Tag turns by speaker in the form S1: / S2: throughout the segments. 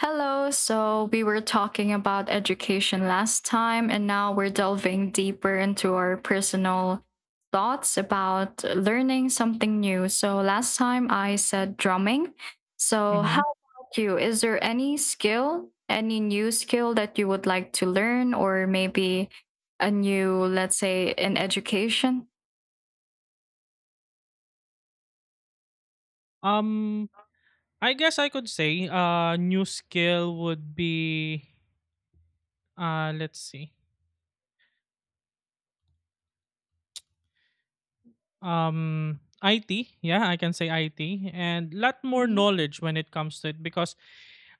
S1: Hello. So we were talking about education last time, and now we're delving deeper into our personal thoughts about learning something new. So last time I said drumming. So, how
S2: Mhm.
S1: about you? Is there any skill, any new skill that you would like to learn, or maybe a new, let's say, in education?
S2: Um, I guess I could say new skill would be let's see. IT, yeah, I can say IT and lot more
S1: Hmm.
S2: knowledge when it comes to it because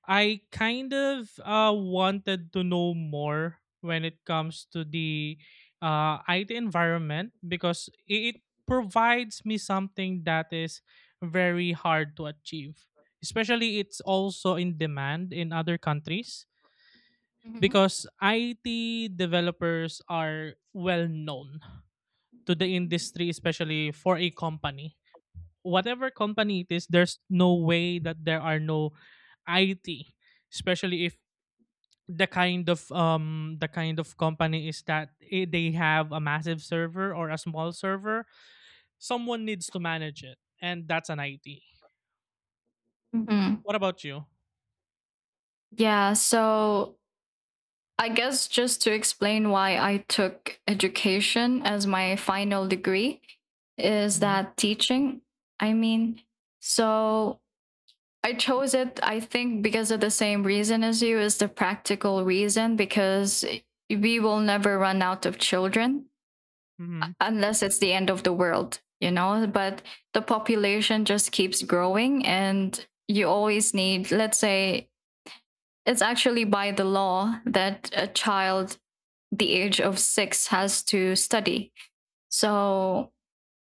S2: I kind of wanted to know more when it comes to the IT environment because it provides me something that is very hard to achieve. Especially it's also in demand in other countries
S1: Hmm.
S2: because IT developers are well known to the industry, especially for a company. Whatever company it is, there's no way that there are no IT, especially if the kind of company is that they have a massive server or a small server. Someone needs to manage it, and that's an IT.
S1: Hmm.
S2: What about you?
S1: Yeah. So, I guess just to explain why I took education as my final degree is
S2: Mhm,
S1: that teaching. I mean, so I chose it, I think, because of the same reason as you is the practical reason, because we will never run out of children
S2: mhm.
S1: unless it's the end of the world, you know? But the population just keeps growing, and you always need, let's say, it's actually by the law that a child the age of 6 has to study. So,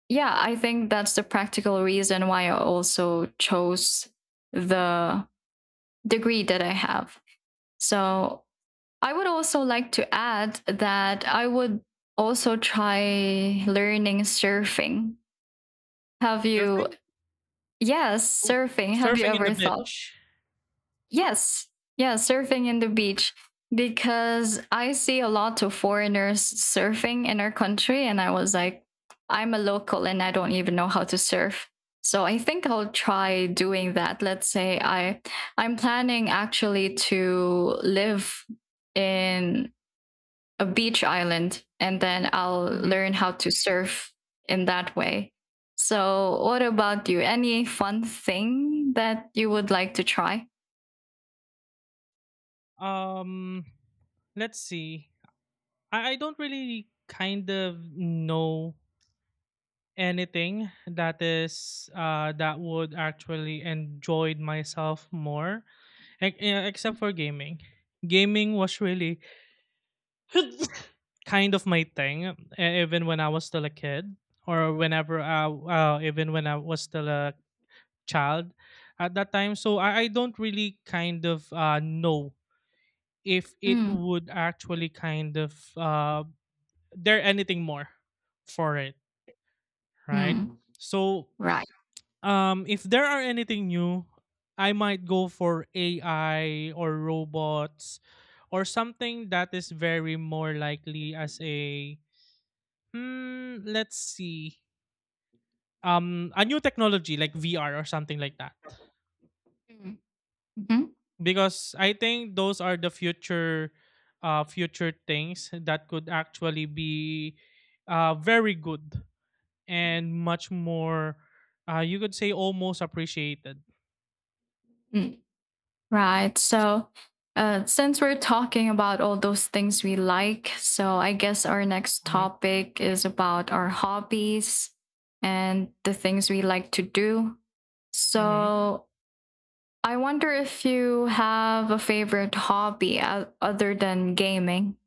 S1: yeah, I think that's the practical reason why I also chose the degree that I have. So, I would also like to add that I would also try learning surfing. Have you?
S2: Surfing?
S1: Yes,
S2: Oh,
S1: surfing. Have you
S2: surfing in the
S1: ever thought?
S2: beach.
S1: Yes. Yeah, surfing in the beach because I see a lot of foreigners surfing in our country and I was like I'm a local and I don't even know how to surf. So I think I'll try doing that. Let's say I'm planning actually to live in a beach island and then I'll
S2: Mhm.
S1: learn how to surf in that way. So what about you? Any fun thing that you would like to try?
S2: Um, let's see. I don't really kind of know anything that would actually enjoyed myself more. Like, yeah, except for gaming. Gaming was really kind of my thing, even when I was still a kid, or whenever even when I was still a child at that time. So I don't really know if it
S1: Mm.
S2: would actually kind of there anything more for it, right?
S1: Mm,
S2: So
S1: right.
S2: If there are anything new, I might go for AI or robots or something that is very more likely as a hmm, let's see. A new technology like VR or something like that.
S1: Mm, mhm,
S2: Because I think those are the future things that could actually be very good and much more, you could say, almost appreciated.
S1: mm. Right. So, since we're talking about all those things we like, so I guess our next
S2: Mhm,
S1: topic is about our hobbies and the things we like to do.
S2: mhm.
S1: So, I wonder if you have a favorite hobby other than gaming.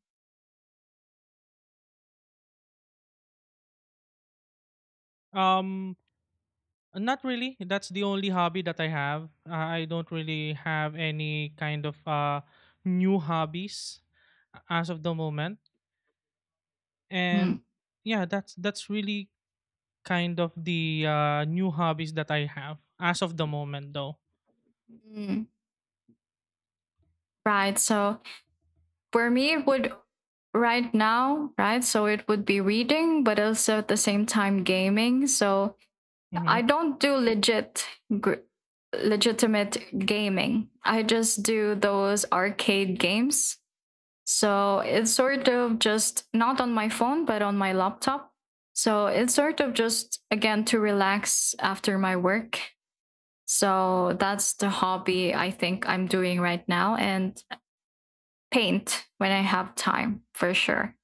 S2: Um Not really. That's the only hobby that I have. I don't really have any new hobbies as of the moment. And
S1: Mm,
S2: yeah, that's really kind of the new hobbies that I have as of the moment, though.
S1: mm. Right. So, for me, it would right now, right? So, it would be reading, but also at the same time, gaming. So,
S2: Mm-hmm,
S1: I don't do legit gr- legitimate gaming. I just do those arcade games. So it's sort of just not on my phone but on my laptop. So it's sort of just again to relax after my work. So that's the hobby I think I'm doing right now and paint when I have time for sure.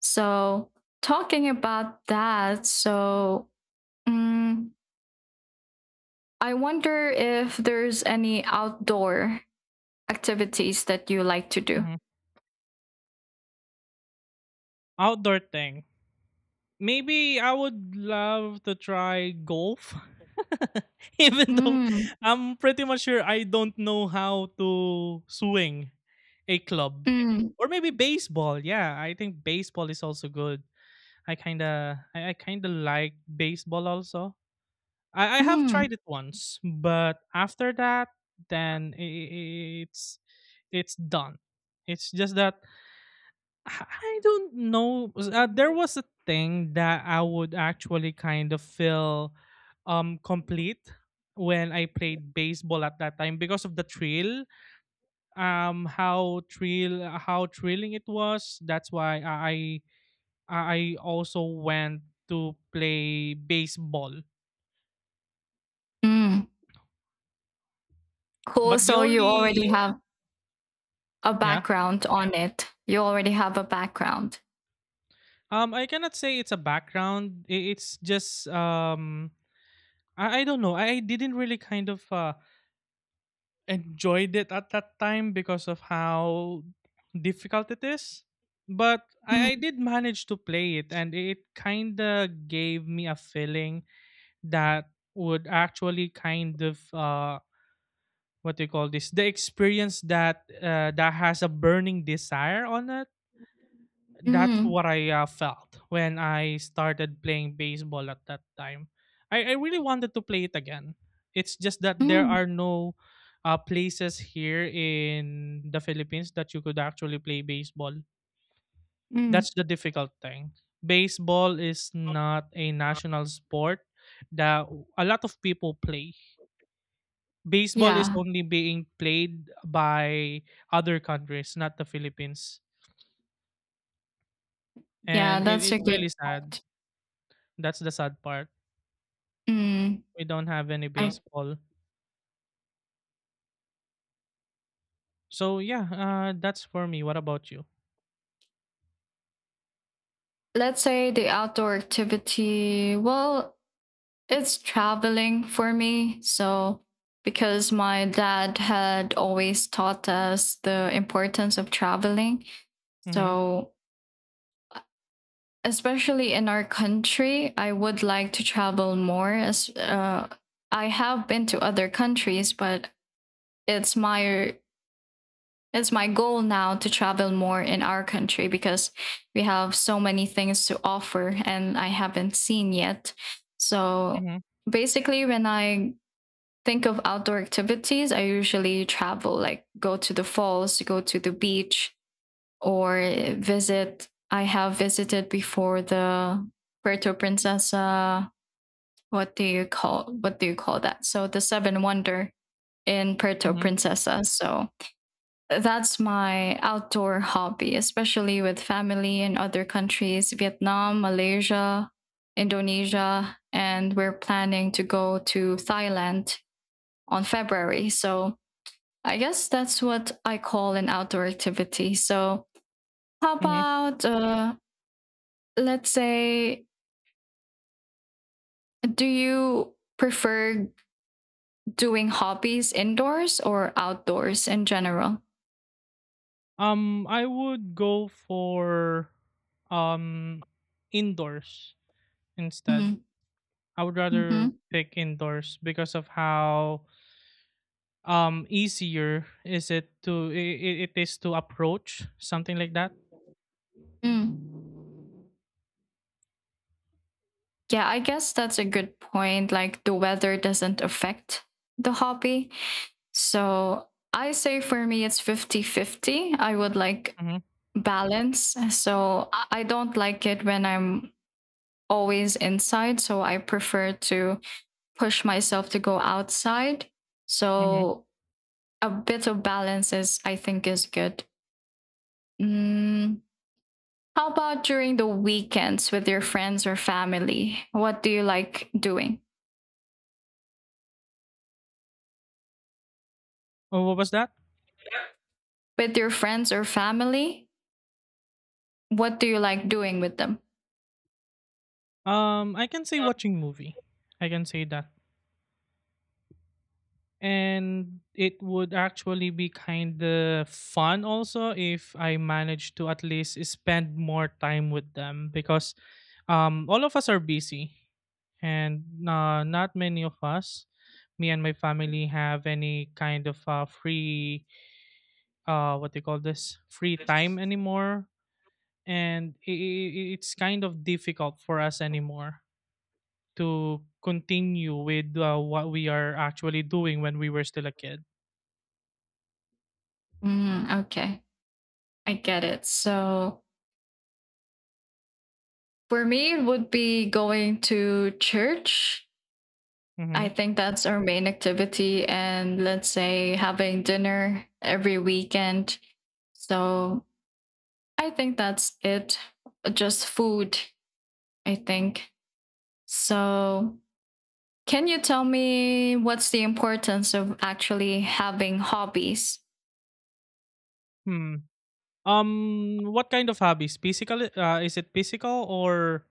S1: So talking about that, so um, I wonder if there's any outdoor activities that you like to do.
S2: mm-hmm. Outdoor thing. Maybe I would love to try golf. Even though
S1: Mm,
S2: I'm pretty much sure I don't know how to swing a club.
S1: mm,
S2: Or maybe baseball. Yeah, I think baseball is also good. I kinda like baseball also. I have
S1: mm,
S2: tried it once, but after that then i i- it's it's done. It's just that I don't know. There was a thing that I would actually kind of feel complete when I played baseball at that time because of the thrill. How thrilling it was. That's why I also went to play baseball.
S1: mm. Cool.
S2: But the
S1: So you already
S2: only,
S1: have a
S2: yeah,
S1: background on it. You already have a background.
S2: I cannot say it's a background. It's just I don't know. I didn't really enjoyed it at that time because of how difficult it is. But I
S1: Mm,
S2: did manage to play it, and it kind of gave me a feeling that would actually what do you call this? The experience that has a burning desire on it. That's
S1: mm,
S2: what I felt when I started playing baseball at that time. I really wanted to play it again. It's just that there
S1: mm,
S2: are no places here in the Philippines that you could actually play baseball.
S1: mm.
S2: That's the difficult thing. Baseball is not a national sport that a lot of people play. Baseball is
S1: Yeah,
S2: only being played by other countries, not the Philippines.
S1: yeah,
S2: And it,
S1: that's a
S2: it's
S1: good
S2: really sad.
S1: point.
S2: That's the sad part.
S1: Mm,
S2: We don't have any
S1: I
S2: baseball. So yeah, that's for me. What about you?
S1: let's say the outdoor activity. Well, it's traveling for me. So because my dad had always taught us the importance of traveling.
S2: Mhm.
S1: So especially in our country, I would like to travel more. As I have been to other countries, but it's my it's my goal now to travel more in our country because we have so many things to offer and I haven't seen yet. So
S2: Mhm.
S1: basically, when I think of outdoor activities, I usually travel, like go to the falls, go to the beach, or visit. I have visited before the Puerto Princesa. What do you call that? So the Seven Wonder in Puerto
S2: Mhm.
S1: Princesa. So that's my outdoor hobby, especially with family in other countries, Vietnam, Malaysia, Indonesia, and we're planning to go to Thailand on February. So I guess that's what I call an outdoor activity. So, how
S2: Mhm.
S1: about, let's say, do you prefer doing hobbies indoors or outdoors in general?
S2: I would go for um indoors instead.
S1: Mm-hmm.
S2: I would rather
S1: Mm-hmm.
S2: pick indoors because of how easier is it to it is to approach something like that.
S1: Mm. Yeah, I guess that's a good point. Like the weather doesn't affect the hobby. So I say for me, it's fifty-fifty. I would like
S2: Mhm,
S1: balance. So I don't like it when I'm always inside. So I prefer to push myself to go outside.
S2: mhm.
S1: So a bit of balance is, I think, is good. Mm. How about during the weekends with your friends or family? What do you like doing?
S2: Oh, what was that?
S1: With your friends or family, what do you like doing with them?
S2: I can say watching movie. I can say that. And it would actually be kind of fun also if I manage to at least spend more time with them because all of us are busy, and not many of us, me and my family, have any free, what do you call this, free time anymore. And it's kind of difficult for us anymore to continue with what we are actually doing when we were still a kid.
S1: Mm, okay, I get it. So for me, it would be going to church.
S2: Mm-hmm.
S1: I think that's our main activity. And let's say having dinner every weekend. So I think that's it. Just food, I think. So can you tell me what's the importance of actually having hobbies?
S2: Hmm. What kind of hobbies? Physical? Is it physical or?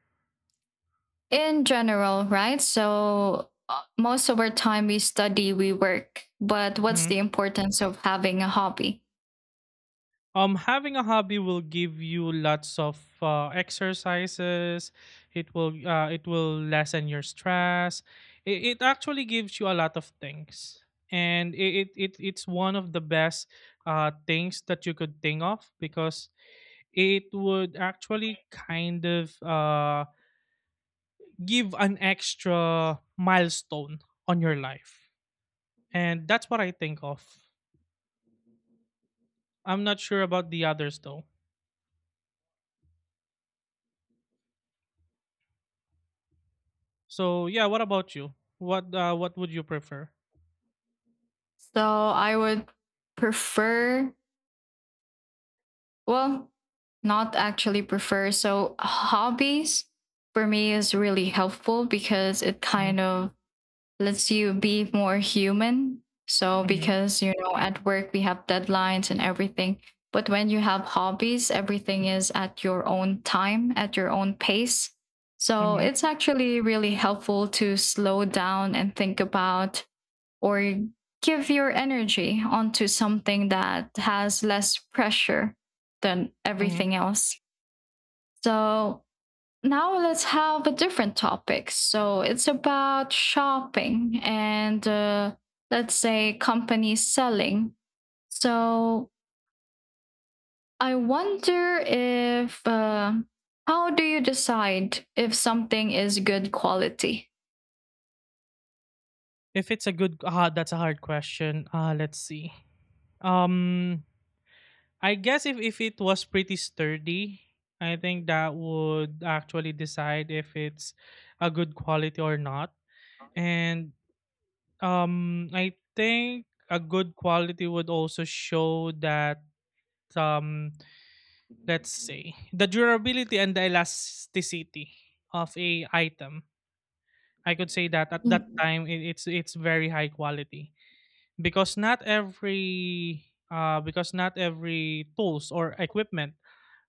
S1: In general, right? So most of our time we study, we work. But what's
S2: Mhm.
S1: the importance of having a hobby?
S2: Having a hobby will give you lots of exercises. It will lessen your stress. It actually gives you a lot of things, and it's one of the best things that you could think of because it would actually give an extra milestone on your life. And that's what I think of. I'm not sure about the others though. So yeah, what about you? What would you prefer?
S1: So I would prefer well, not actually prefer. So hobbies for me is really helpful because it
S2: Hmm,
S1: kind of lets you be more human. So
S2: hmm,
S1: because you know at work we have deadlines and everything. But when you have hobbies, everything is at your own time, at your own pace. So
S2: hmm,
S1: it's actually really helpful to slow down and think about or give your energy onto something that has less pressure than
S2: hmm.
S1: everything else. So now let's have a different topic. So it's about shopping and let's say companies selling. So I wonder if how do you decide if something is good quality?
S2: If it's a good, ah, that's a hard question. Let's see. Um, I guess if it was pretty sturdy, I think that would actually decide if it's a good quality or not. And I think a good quality would also show that, um, let's say, the durability and the elasticity of a item. I could say that at that
S1: Mm,
S2: time it's very high quality because not every tools or equipment,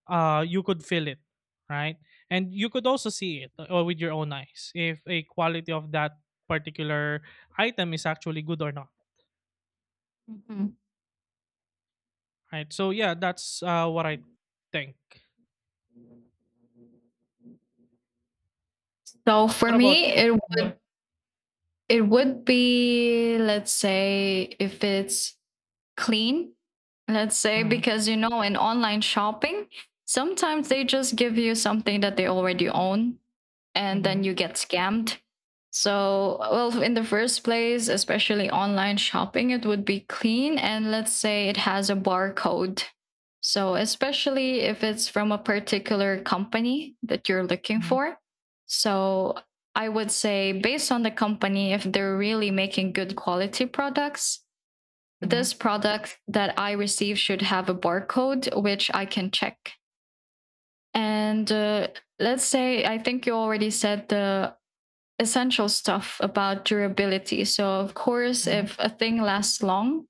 S2: you could feel it, right, and you could also see it or with your own eyes if a quality of that particular item is actually good or not.
S1: mhm.
S2: Right. So yeah, that's what I think.
S1: So for
S2: What about
S1: me,
S2: you?
S1: it
S2: Mm-hmm,
S1: would it would be, let's say, if it's clean, let's say,
S2: mm-hmm,
S1: because you know, in online shopping, sometimes they just give you something that they already own and
S2: mm-hmm,
S1: then you get scammed. So, well, in the first place, especially online shopping, it would be clean and let's say it has a barcode. So, especially if it's from a particular company that you're looking
S2: mm-hmm,
S1: for. So, I would say, based on the company, if they're really making good quality products,
S2: mm-hmm,
S1: this product that I receive should have a barcode, which I can check. And let's say, I think you already said the essential stuff about durability. So, of course,
S2: mm-hmm.
S1: if a thing lasts long,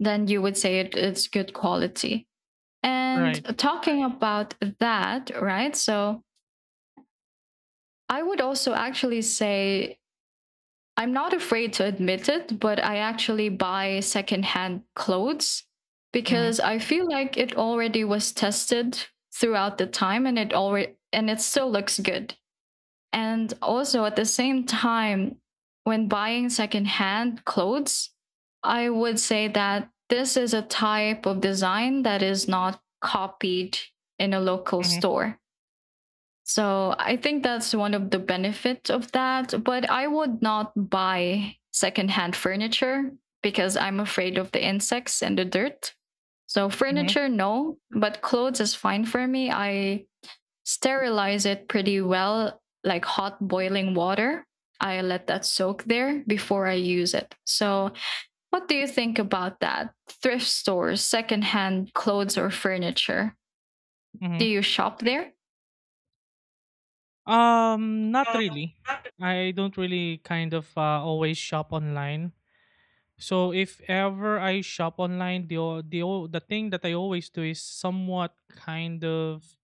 S1: then you would say it's good quality.
S2: Right.
S1: And talking about that, right? So, I would also actually say I'm not afraid to admit it, but I actually buy secondhand clothes
S2: Mm-hmm,
S1: because I feel like it already was tested throughout the time and it still looks good. And also at the same time, when buying secondhand clothes, I would say that this is a type of design that is not copied in a local
S2: mm-hmm,
S1: store. So I think that's one of the benefits of that. But I would not buy secondhand furniture because I'm afraid of the insects and the dirt. So
S2: mm-hmm,
S1: furniture, no, but clothes is fine for me. I sterilize it pretty well, like hot boiling water. I let that soak there before I use it. So, what do you think about that? Thrift stores, secondhand clothes or furniture. Do
S2: mm-hmm.
S1: you shop there?
S2: Not really. I don't really always shop online. So if ever I shop online, the thing that I always do is somewhat kind of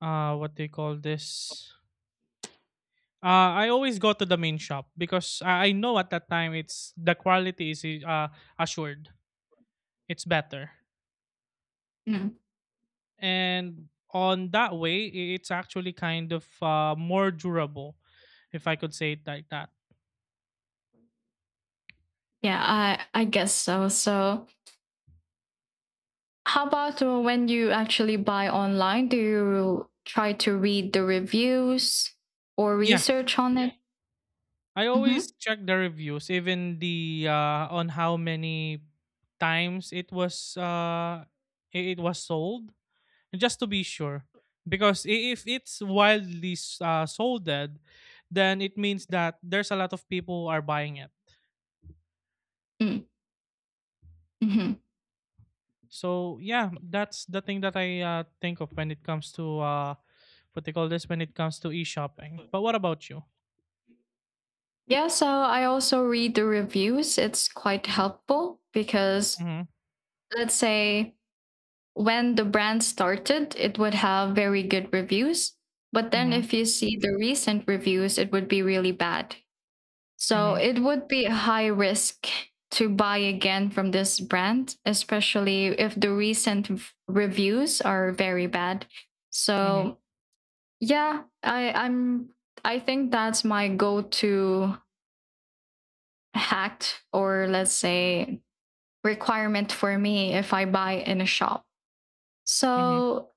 S2: what do you call this? I always go to the main shop because I know at that time it's the quality is assured. It's better.
S1: Mm.
S2: And on that way, it's actually kind of, more durable, if I could say it like that.
S1: Yeah, I guess so. So, how about when you actually buy online? Do you try to read the reviews or
S2: Yes.
S1: research on it?
S2: I
S1: Mm-hmm.
S2: always check the reviews, even the on how many times it was sold, just to be sure because if it's wildly solded, then it means that there's a lot of people are buying it.
S1: Mm. Mm-hmm.
S2: So yeah, that's the thing that I think of when it comes to, what they call this, when it comes to e-shopping. But what about you?
S1: Yeah, so I also read the reviews. It's quite helpful because
S2: Mm-hmm,
S1: let's say when the brand started, it would have very good reviews. But then
S2: mm-hmm,
S1: if you see the recent reviews, it would be really bad. So
S2: mm-hmm,
S1: it would be a high risk to buy again from this brand, especially if the recent reviews are very bad.
S2: mm-hmm,
S1: So yeah, I think that's my go-to hacked or let's say requirement for me if I buy in a shop.
S2: mm-hmm.
S1: So,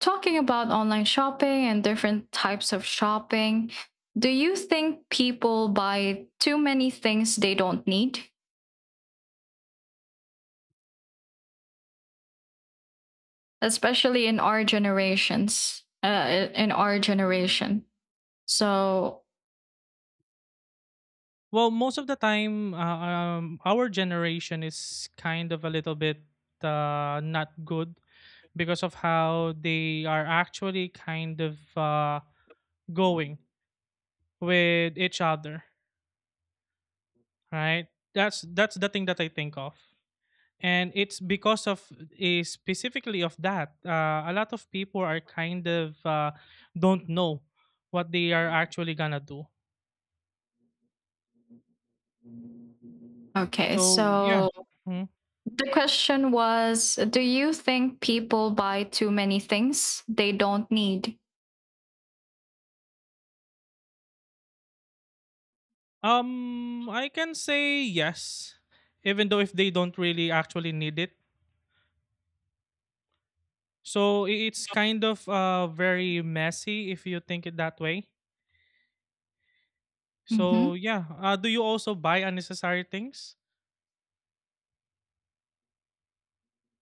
S1: talking about online shopping and different types of shopping, do you think people buy too many things they don't need, especially in our generations? In our generation. So,
S2: Well, most of the time, our generation is kind of a little bit, not good because of how they are actually kind of, going with each other, right? That's the thing that I think of. And it's because of, specifically of that, a lot of people are kind of, don't know what they are actually gonna do.
S1: okay.
S2: So yeah.
S1: So,
S2: Mhm.
S1: the question was do you think people buy too many things they don't need?
S2: I can say yes, even though if they don't really actually need it. So it's kind of very messy if you think it that way.
S1: Hmm.
S2: So yeah, do you also buy unnecessary things?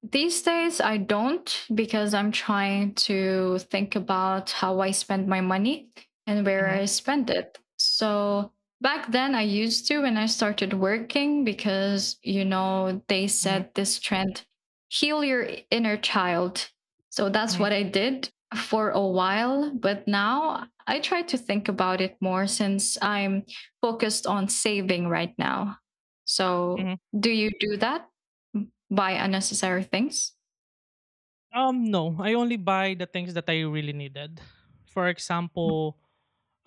S1: These days, I don't because I'm trying to think about how I spend my money and where
S2: Mm-hmm,
S1: I spend it. So back then, I used to when I started working because, you know, they
S2: mm-hmm,
S1: said this trend heal your inner child. So that's
S2: mm-hmm.
S1: what I did for a while. But now I try to think about it more since I'm focused on saving right now. So
S2: Mhm.
S1: do you do that? Buy unnecessary things?
S2: No, I only buy the things that I really needed. For example,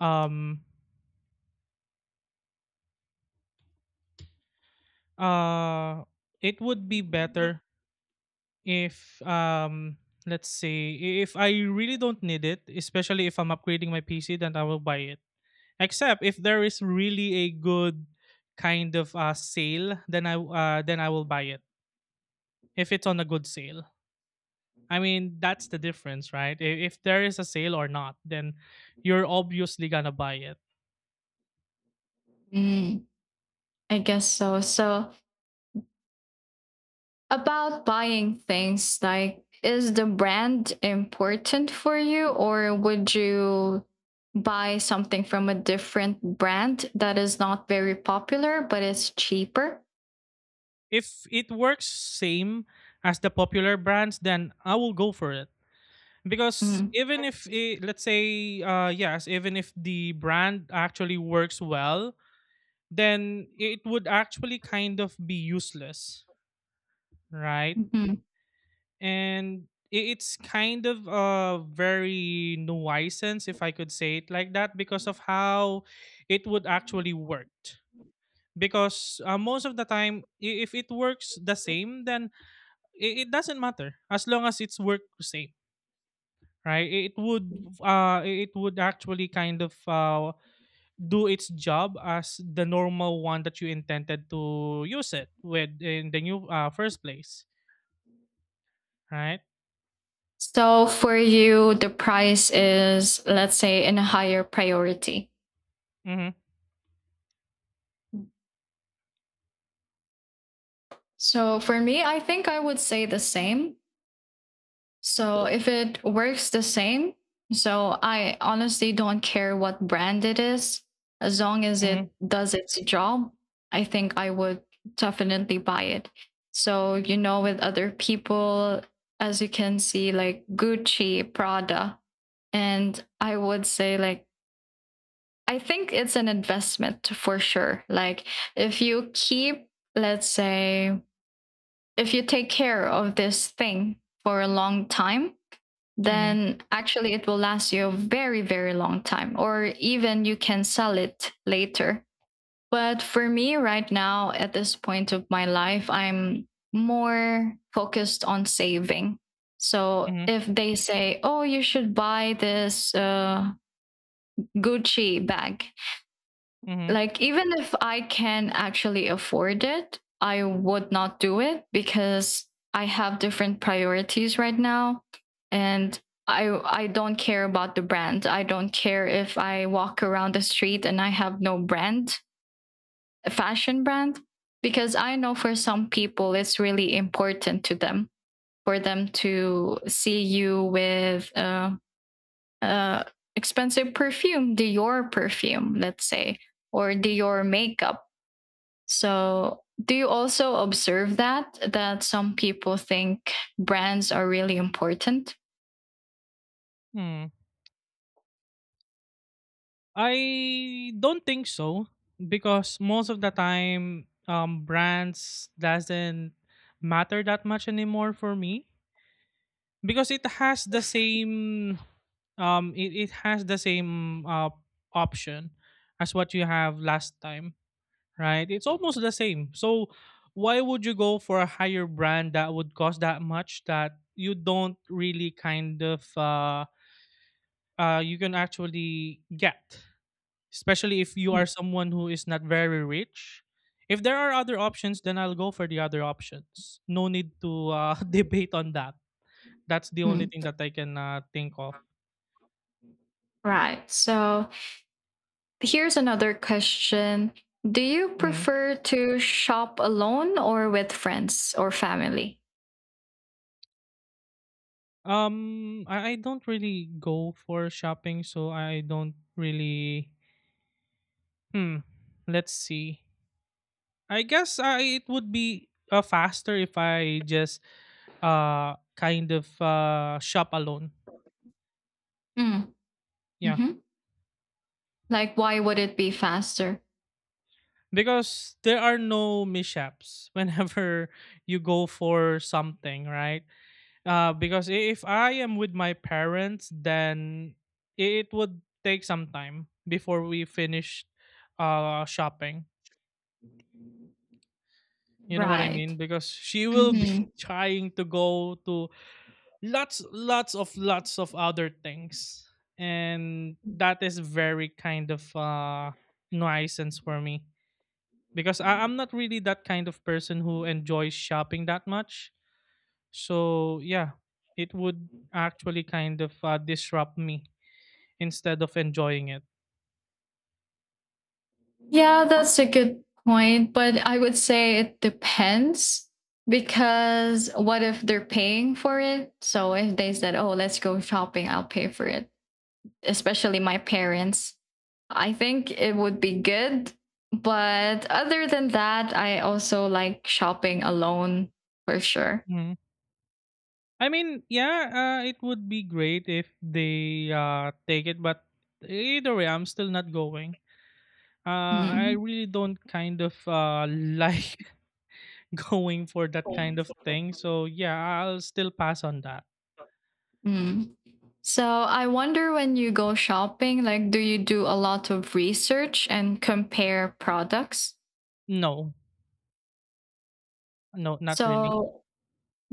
S2: um, uh, it would be better if, let's say, if I really don't need it, especially if I'm upgrading my PC, then I will buy it. Except if there is really a good sale, then then I will buy it if it's on a good sale. I mean, that's the difference, right? If there is a sale or not, then you're obviously gonna buy it.
S1: Mm, I guess so. So, about buying things, like, is the brand important for you, or would you buy something from a different brand that is not very popular but is cheaper?
S2: If it works same as the popular brands, then I will go for it. Because
S1: Mm,
S2: even if it, let's say, yes, even if the brand actually works well, then it would actually kind of be useless, right?
S1: mhm.
S2: And it's kind of a very nuisance, if I could say it like that, because of how it would actually work. Because, most of the time, if it works the same, then it doesn't matter as long as it's worked the same, right? It would, uh it would actually kind of, do its job as the normal one that you intended to use it with in the new first place, right?
S1: So, for you, the price is, let's say, in a higher priority.
S2: Mm-hmm,
S1: So, for me, I think I would say the same. So if it works the same, so I honestly don't care what brand it is. As long as
S2: mm-hmm,
S1: it does its job, I think I would definitely buy it. So, you know, with other people, as you can see, like Gucci, Prada, and I would say, like, I think it's an investment for sure. Like, if you keep, let's say, if you take care of this thing for a long time,
S2: mm-hmm.
S1: then actually it will last you a very, very long time, or even you can sell it later. But for me right now, at this point of my life, I'm more focused on saving. So
S2: Mm-hmm.
S1: if they say, oh, you should buy this Gucci bag,
S2: Mhm.
S1: like, even if I can actually afford it, I would not do it because I have different priorities right now. And I don't care about the brand. I don't care if I walk around the street and I have no brand, a fashion brand, because I know for some people it's really important to them for them to see you with uh, expensive perfume, Dior perfume, let's say, or Dior makeup. So, do you also observe that some people think brands are really important?
S2: Hmm. I don't think so because, most of the time, brands doesn't matter that much anymore for me because it has the same, it has the same option as what you have last time, right? It's almost the same. So why would you go for a higher brand that would cost that much that you don't really kind of you can actually get? Especially if you are someone who is not very rich. If there are other options, then I'll go for the other options. No need to debate on that. That's the only
S1: Mm.
S2: thing that I can think of.
S1: Right. So, here's another question. Do you
S2: Mhm.
S1: prefer to shop alone or with friends or family?
S2: I don't really go for shopping, so I don't really. Hmm. Let's see. I guess I it would be faster if I just kind of shop alone.
S1: Mm.
S2: Yeah.
S1: Hmm. Like, why would it be faster?
S2: Because there are no mishaps whenever you go for something, right? Because if I am with my parents, then it would take some time before we finish shopping, you know what I
S1: Right.
S2: mean, because she will be
S1: Hmm.
S2: trying to go to lots of other things, and that is very kind of nuisance for me, because I'm not really that kind of person who enjoys shopping that much. So yeah, it would actually kind of disrupt me instead of enjoying it.
S1: Yeah, that's a good point. But I would say it depends because what if they're paying for it? So if they said, oh, let's go shopping, I'll pay for it. Especially my parents. I think it would be good. But other than that, I also like shopping alone for sure.
S2: Mhm. I mean, yeah, it would be great if they take it, but either way, I'm still not going. I
S1: Mm.
S2: really don't kind of like going for that kind of thing. So yeah, I'll still pass on that.
S1: Mm. So I wonder when you go shopping, like, do you do a lot of research and compare products?
S2: No, no, not really.
S1: So,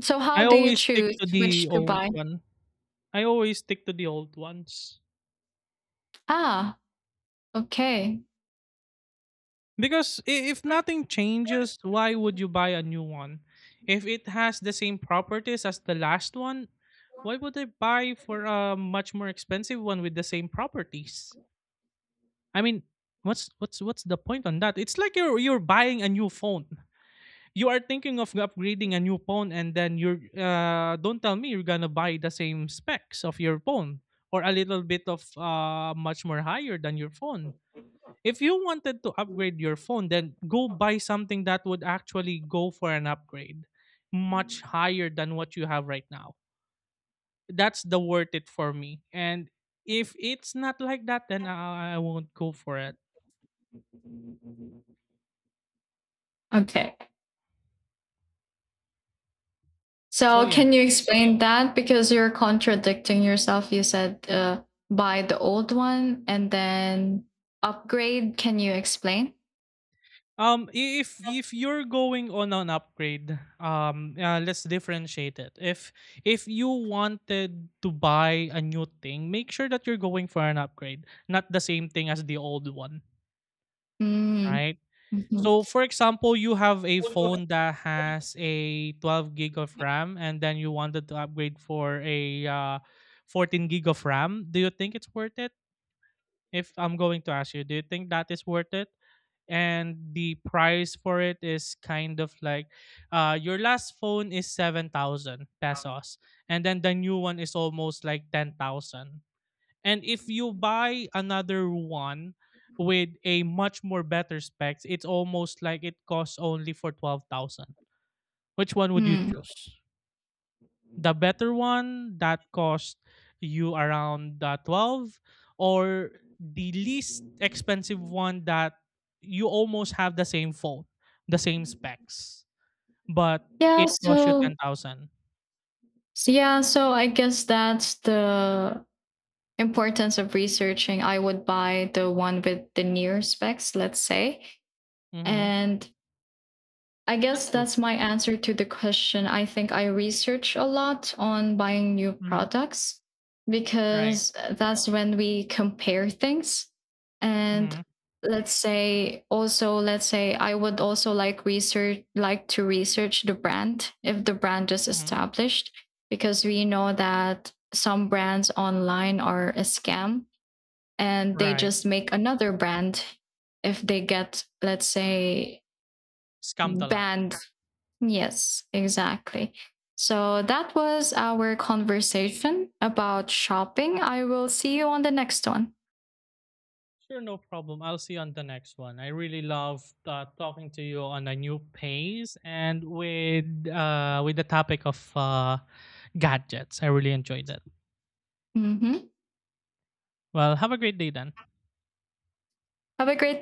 S1: so
S2: I
S1: how do you
S2: always stick
S1: choose
S2: to the
S1: which to
S2: old
S1: buy?
S2: one. I always stick to the old ones.
S1: Ah, okay,
S2: Because if nothing changes, why would you buy a new one? If it has the same properties as the last one, why would I buy for a much more expensive one with the same properties? I mean, what's the point on that? It's like you're buying a new phone. You are thinking of upgrading a new phone, and then you're don't tell me you're gonna buy the same specs of your phone, or a little bit of much more higher than your phone. If you wanted to upgrade your phone, then go buy something that would actually go for an upgrade much higher than what you have right now. That's the worth it for me. And if it's not like that, then I won't go for it.
S1: okay.
S2: So
S1: So,
S2: yeah.
S1: can you explain that? Because you're contradicting yourself. You said buy the old one and then upgrade. Can you explain?
S2: If you're going on an upgrade, let's differentiate it. If you wanted to buy a new thing, make sure that you're going for an upgrade, not the same thing as the old one.
S1: Mm,
S2: Right?
S1: mhm,
S2: So for example, you have a phone that has a 12 gig of RAM, and then you wanted to upgrade for a 14 gig of RAM. Do you think it's worth it? If I'm going to ask you, do you think that is worth it? And the price for it is kind of like your last phone is 7,000 pesos, and then the new one is almost like 10,000. And if you buy another one with a much more better specs, it's almost like it costs only for 12,000. Which one would you
S1: mm.
S2: choose? The better one that cost you around 12, or the least expensive one that you almost have the same phone, the same specs, but
S1: Yeah.
S2: it costs you
S1: So,
S2: 10,000.
S1: so, yeah. So, I guess that's the importance of researching. I would buy the one with the near specs, let's say.
S2: Mhm.
S1: And I
S2: That's
S1: guess
S2: true.
S1: that's my answer to the question. I think I research a lot on buying new
S2: Mhm.
S1: products
S2: Right.
S1: because that's when we compare things. And
S2: Mhm.
S1: let's say also let's say I would also like research like to research the brand if the brand is
S2: Mhm.
S1: established because we know that some brands online are a scam and they
S2: Right.
S1: just make another brand if they get let's say
S2: Scammed a lot.
S1: banned. Yes, exactly. So that was our conversation about shopping. I will see you on the next one.
S2: Sure, no problem. I'll see you on the next one. I really love talking to you on a new pace, and with the topic of gadgets. I really enjoyed it.
S1: Hmm.
S2: Well, have a great day then.
S1: Have a great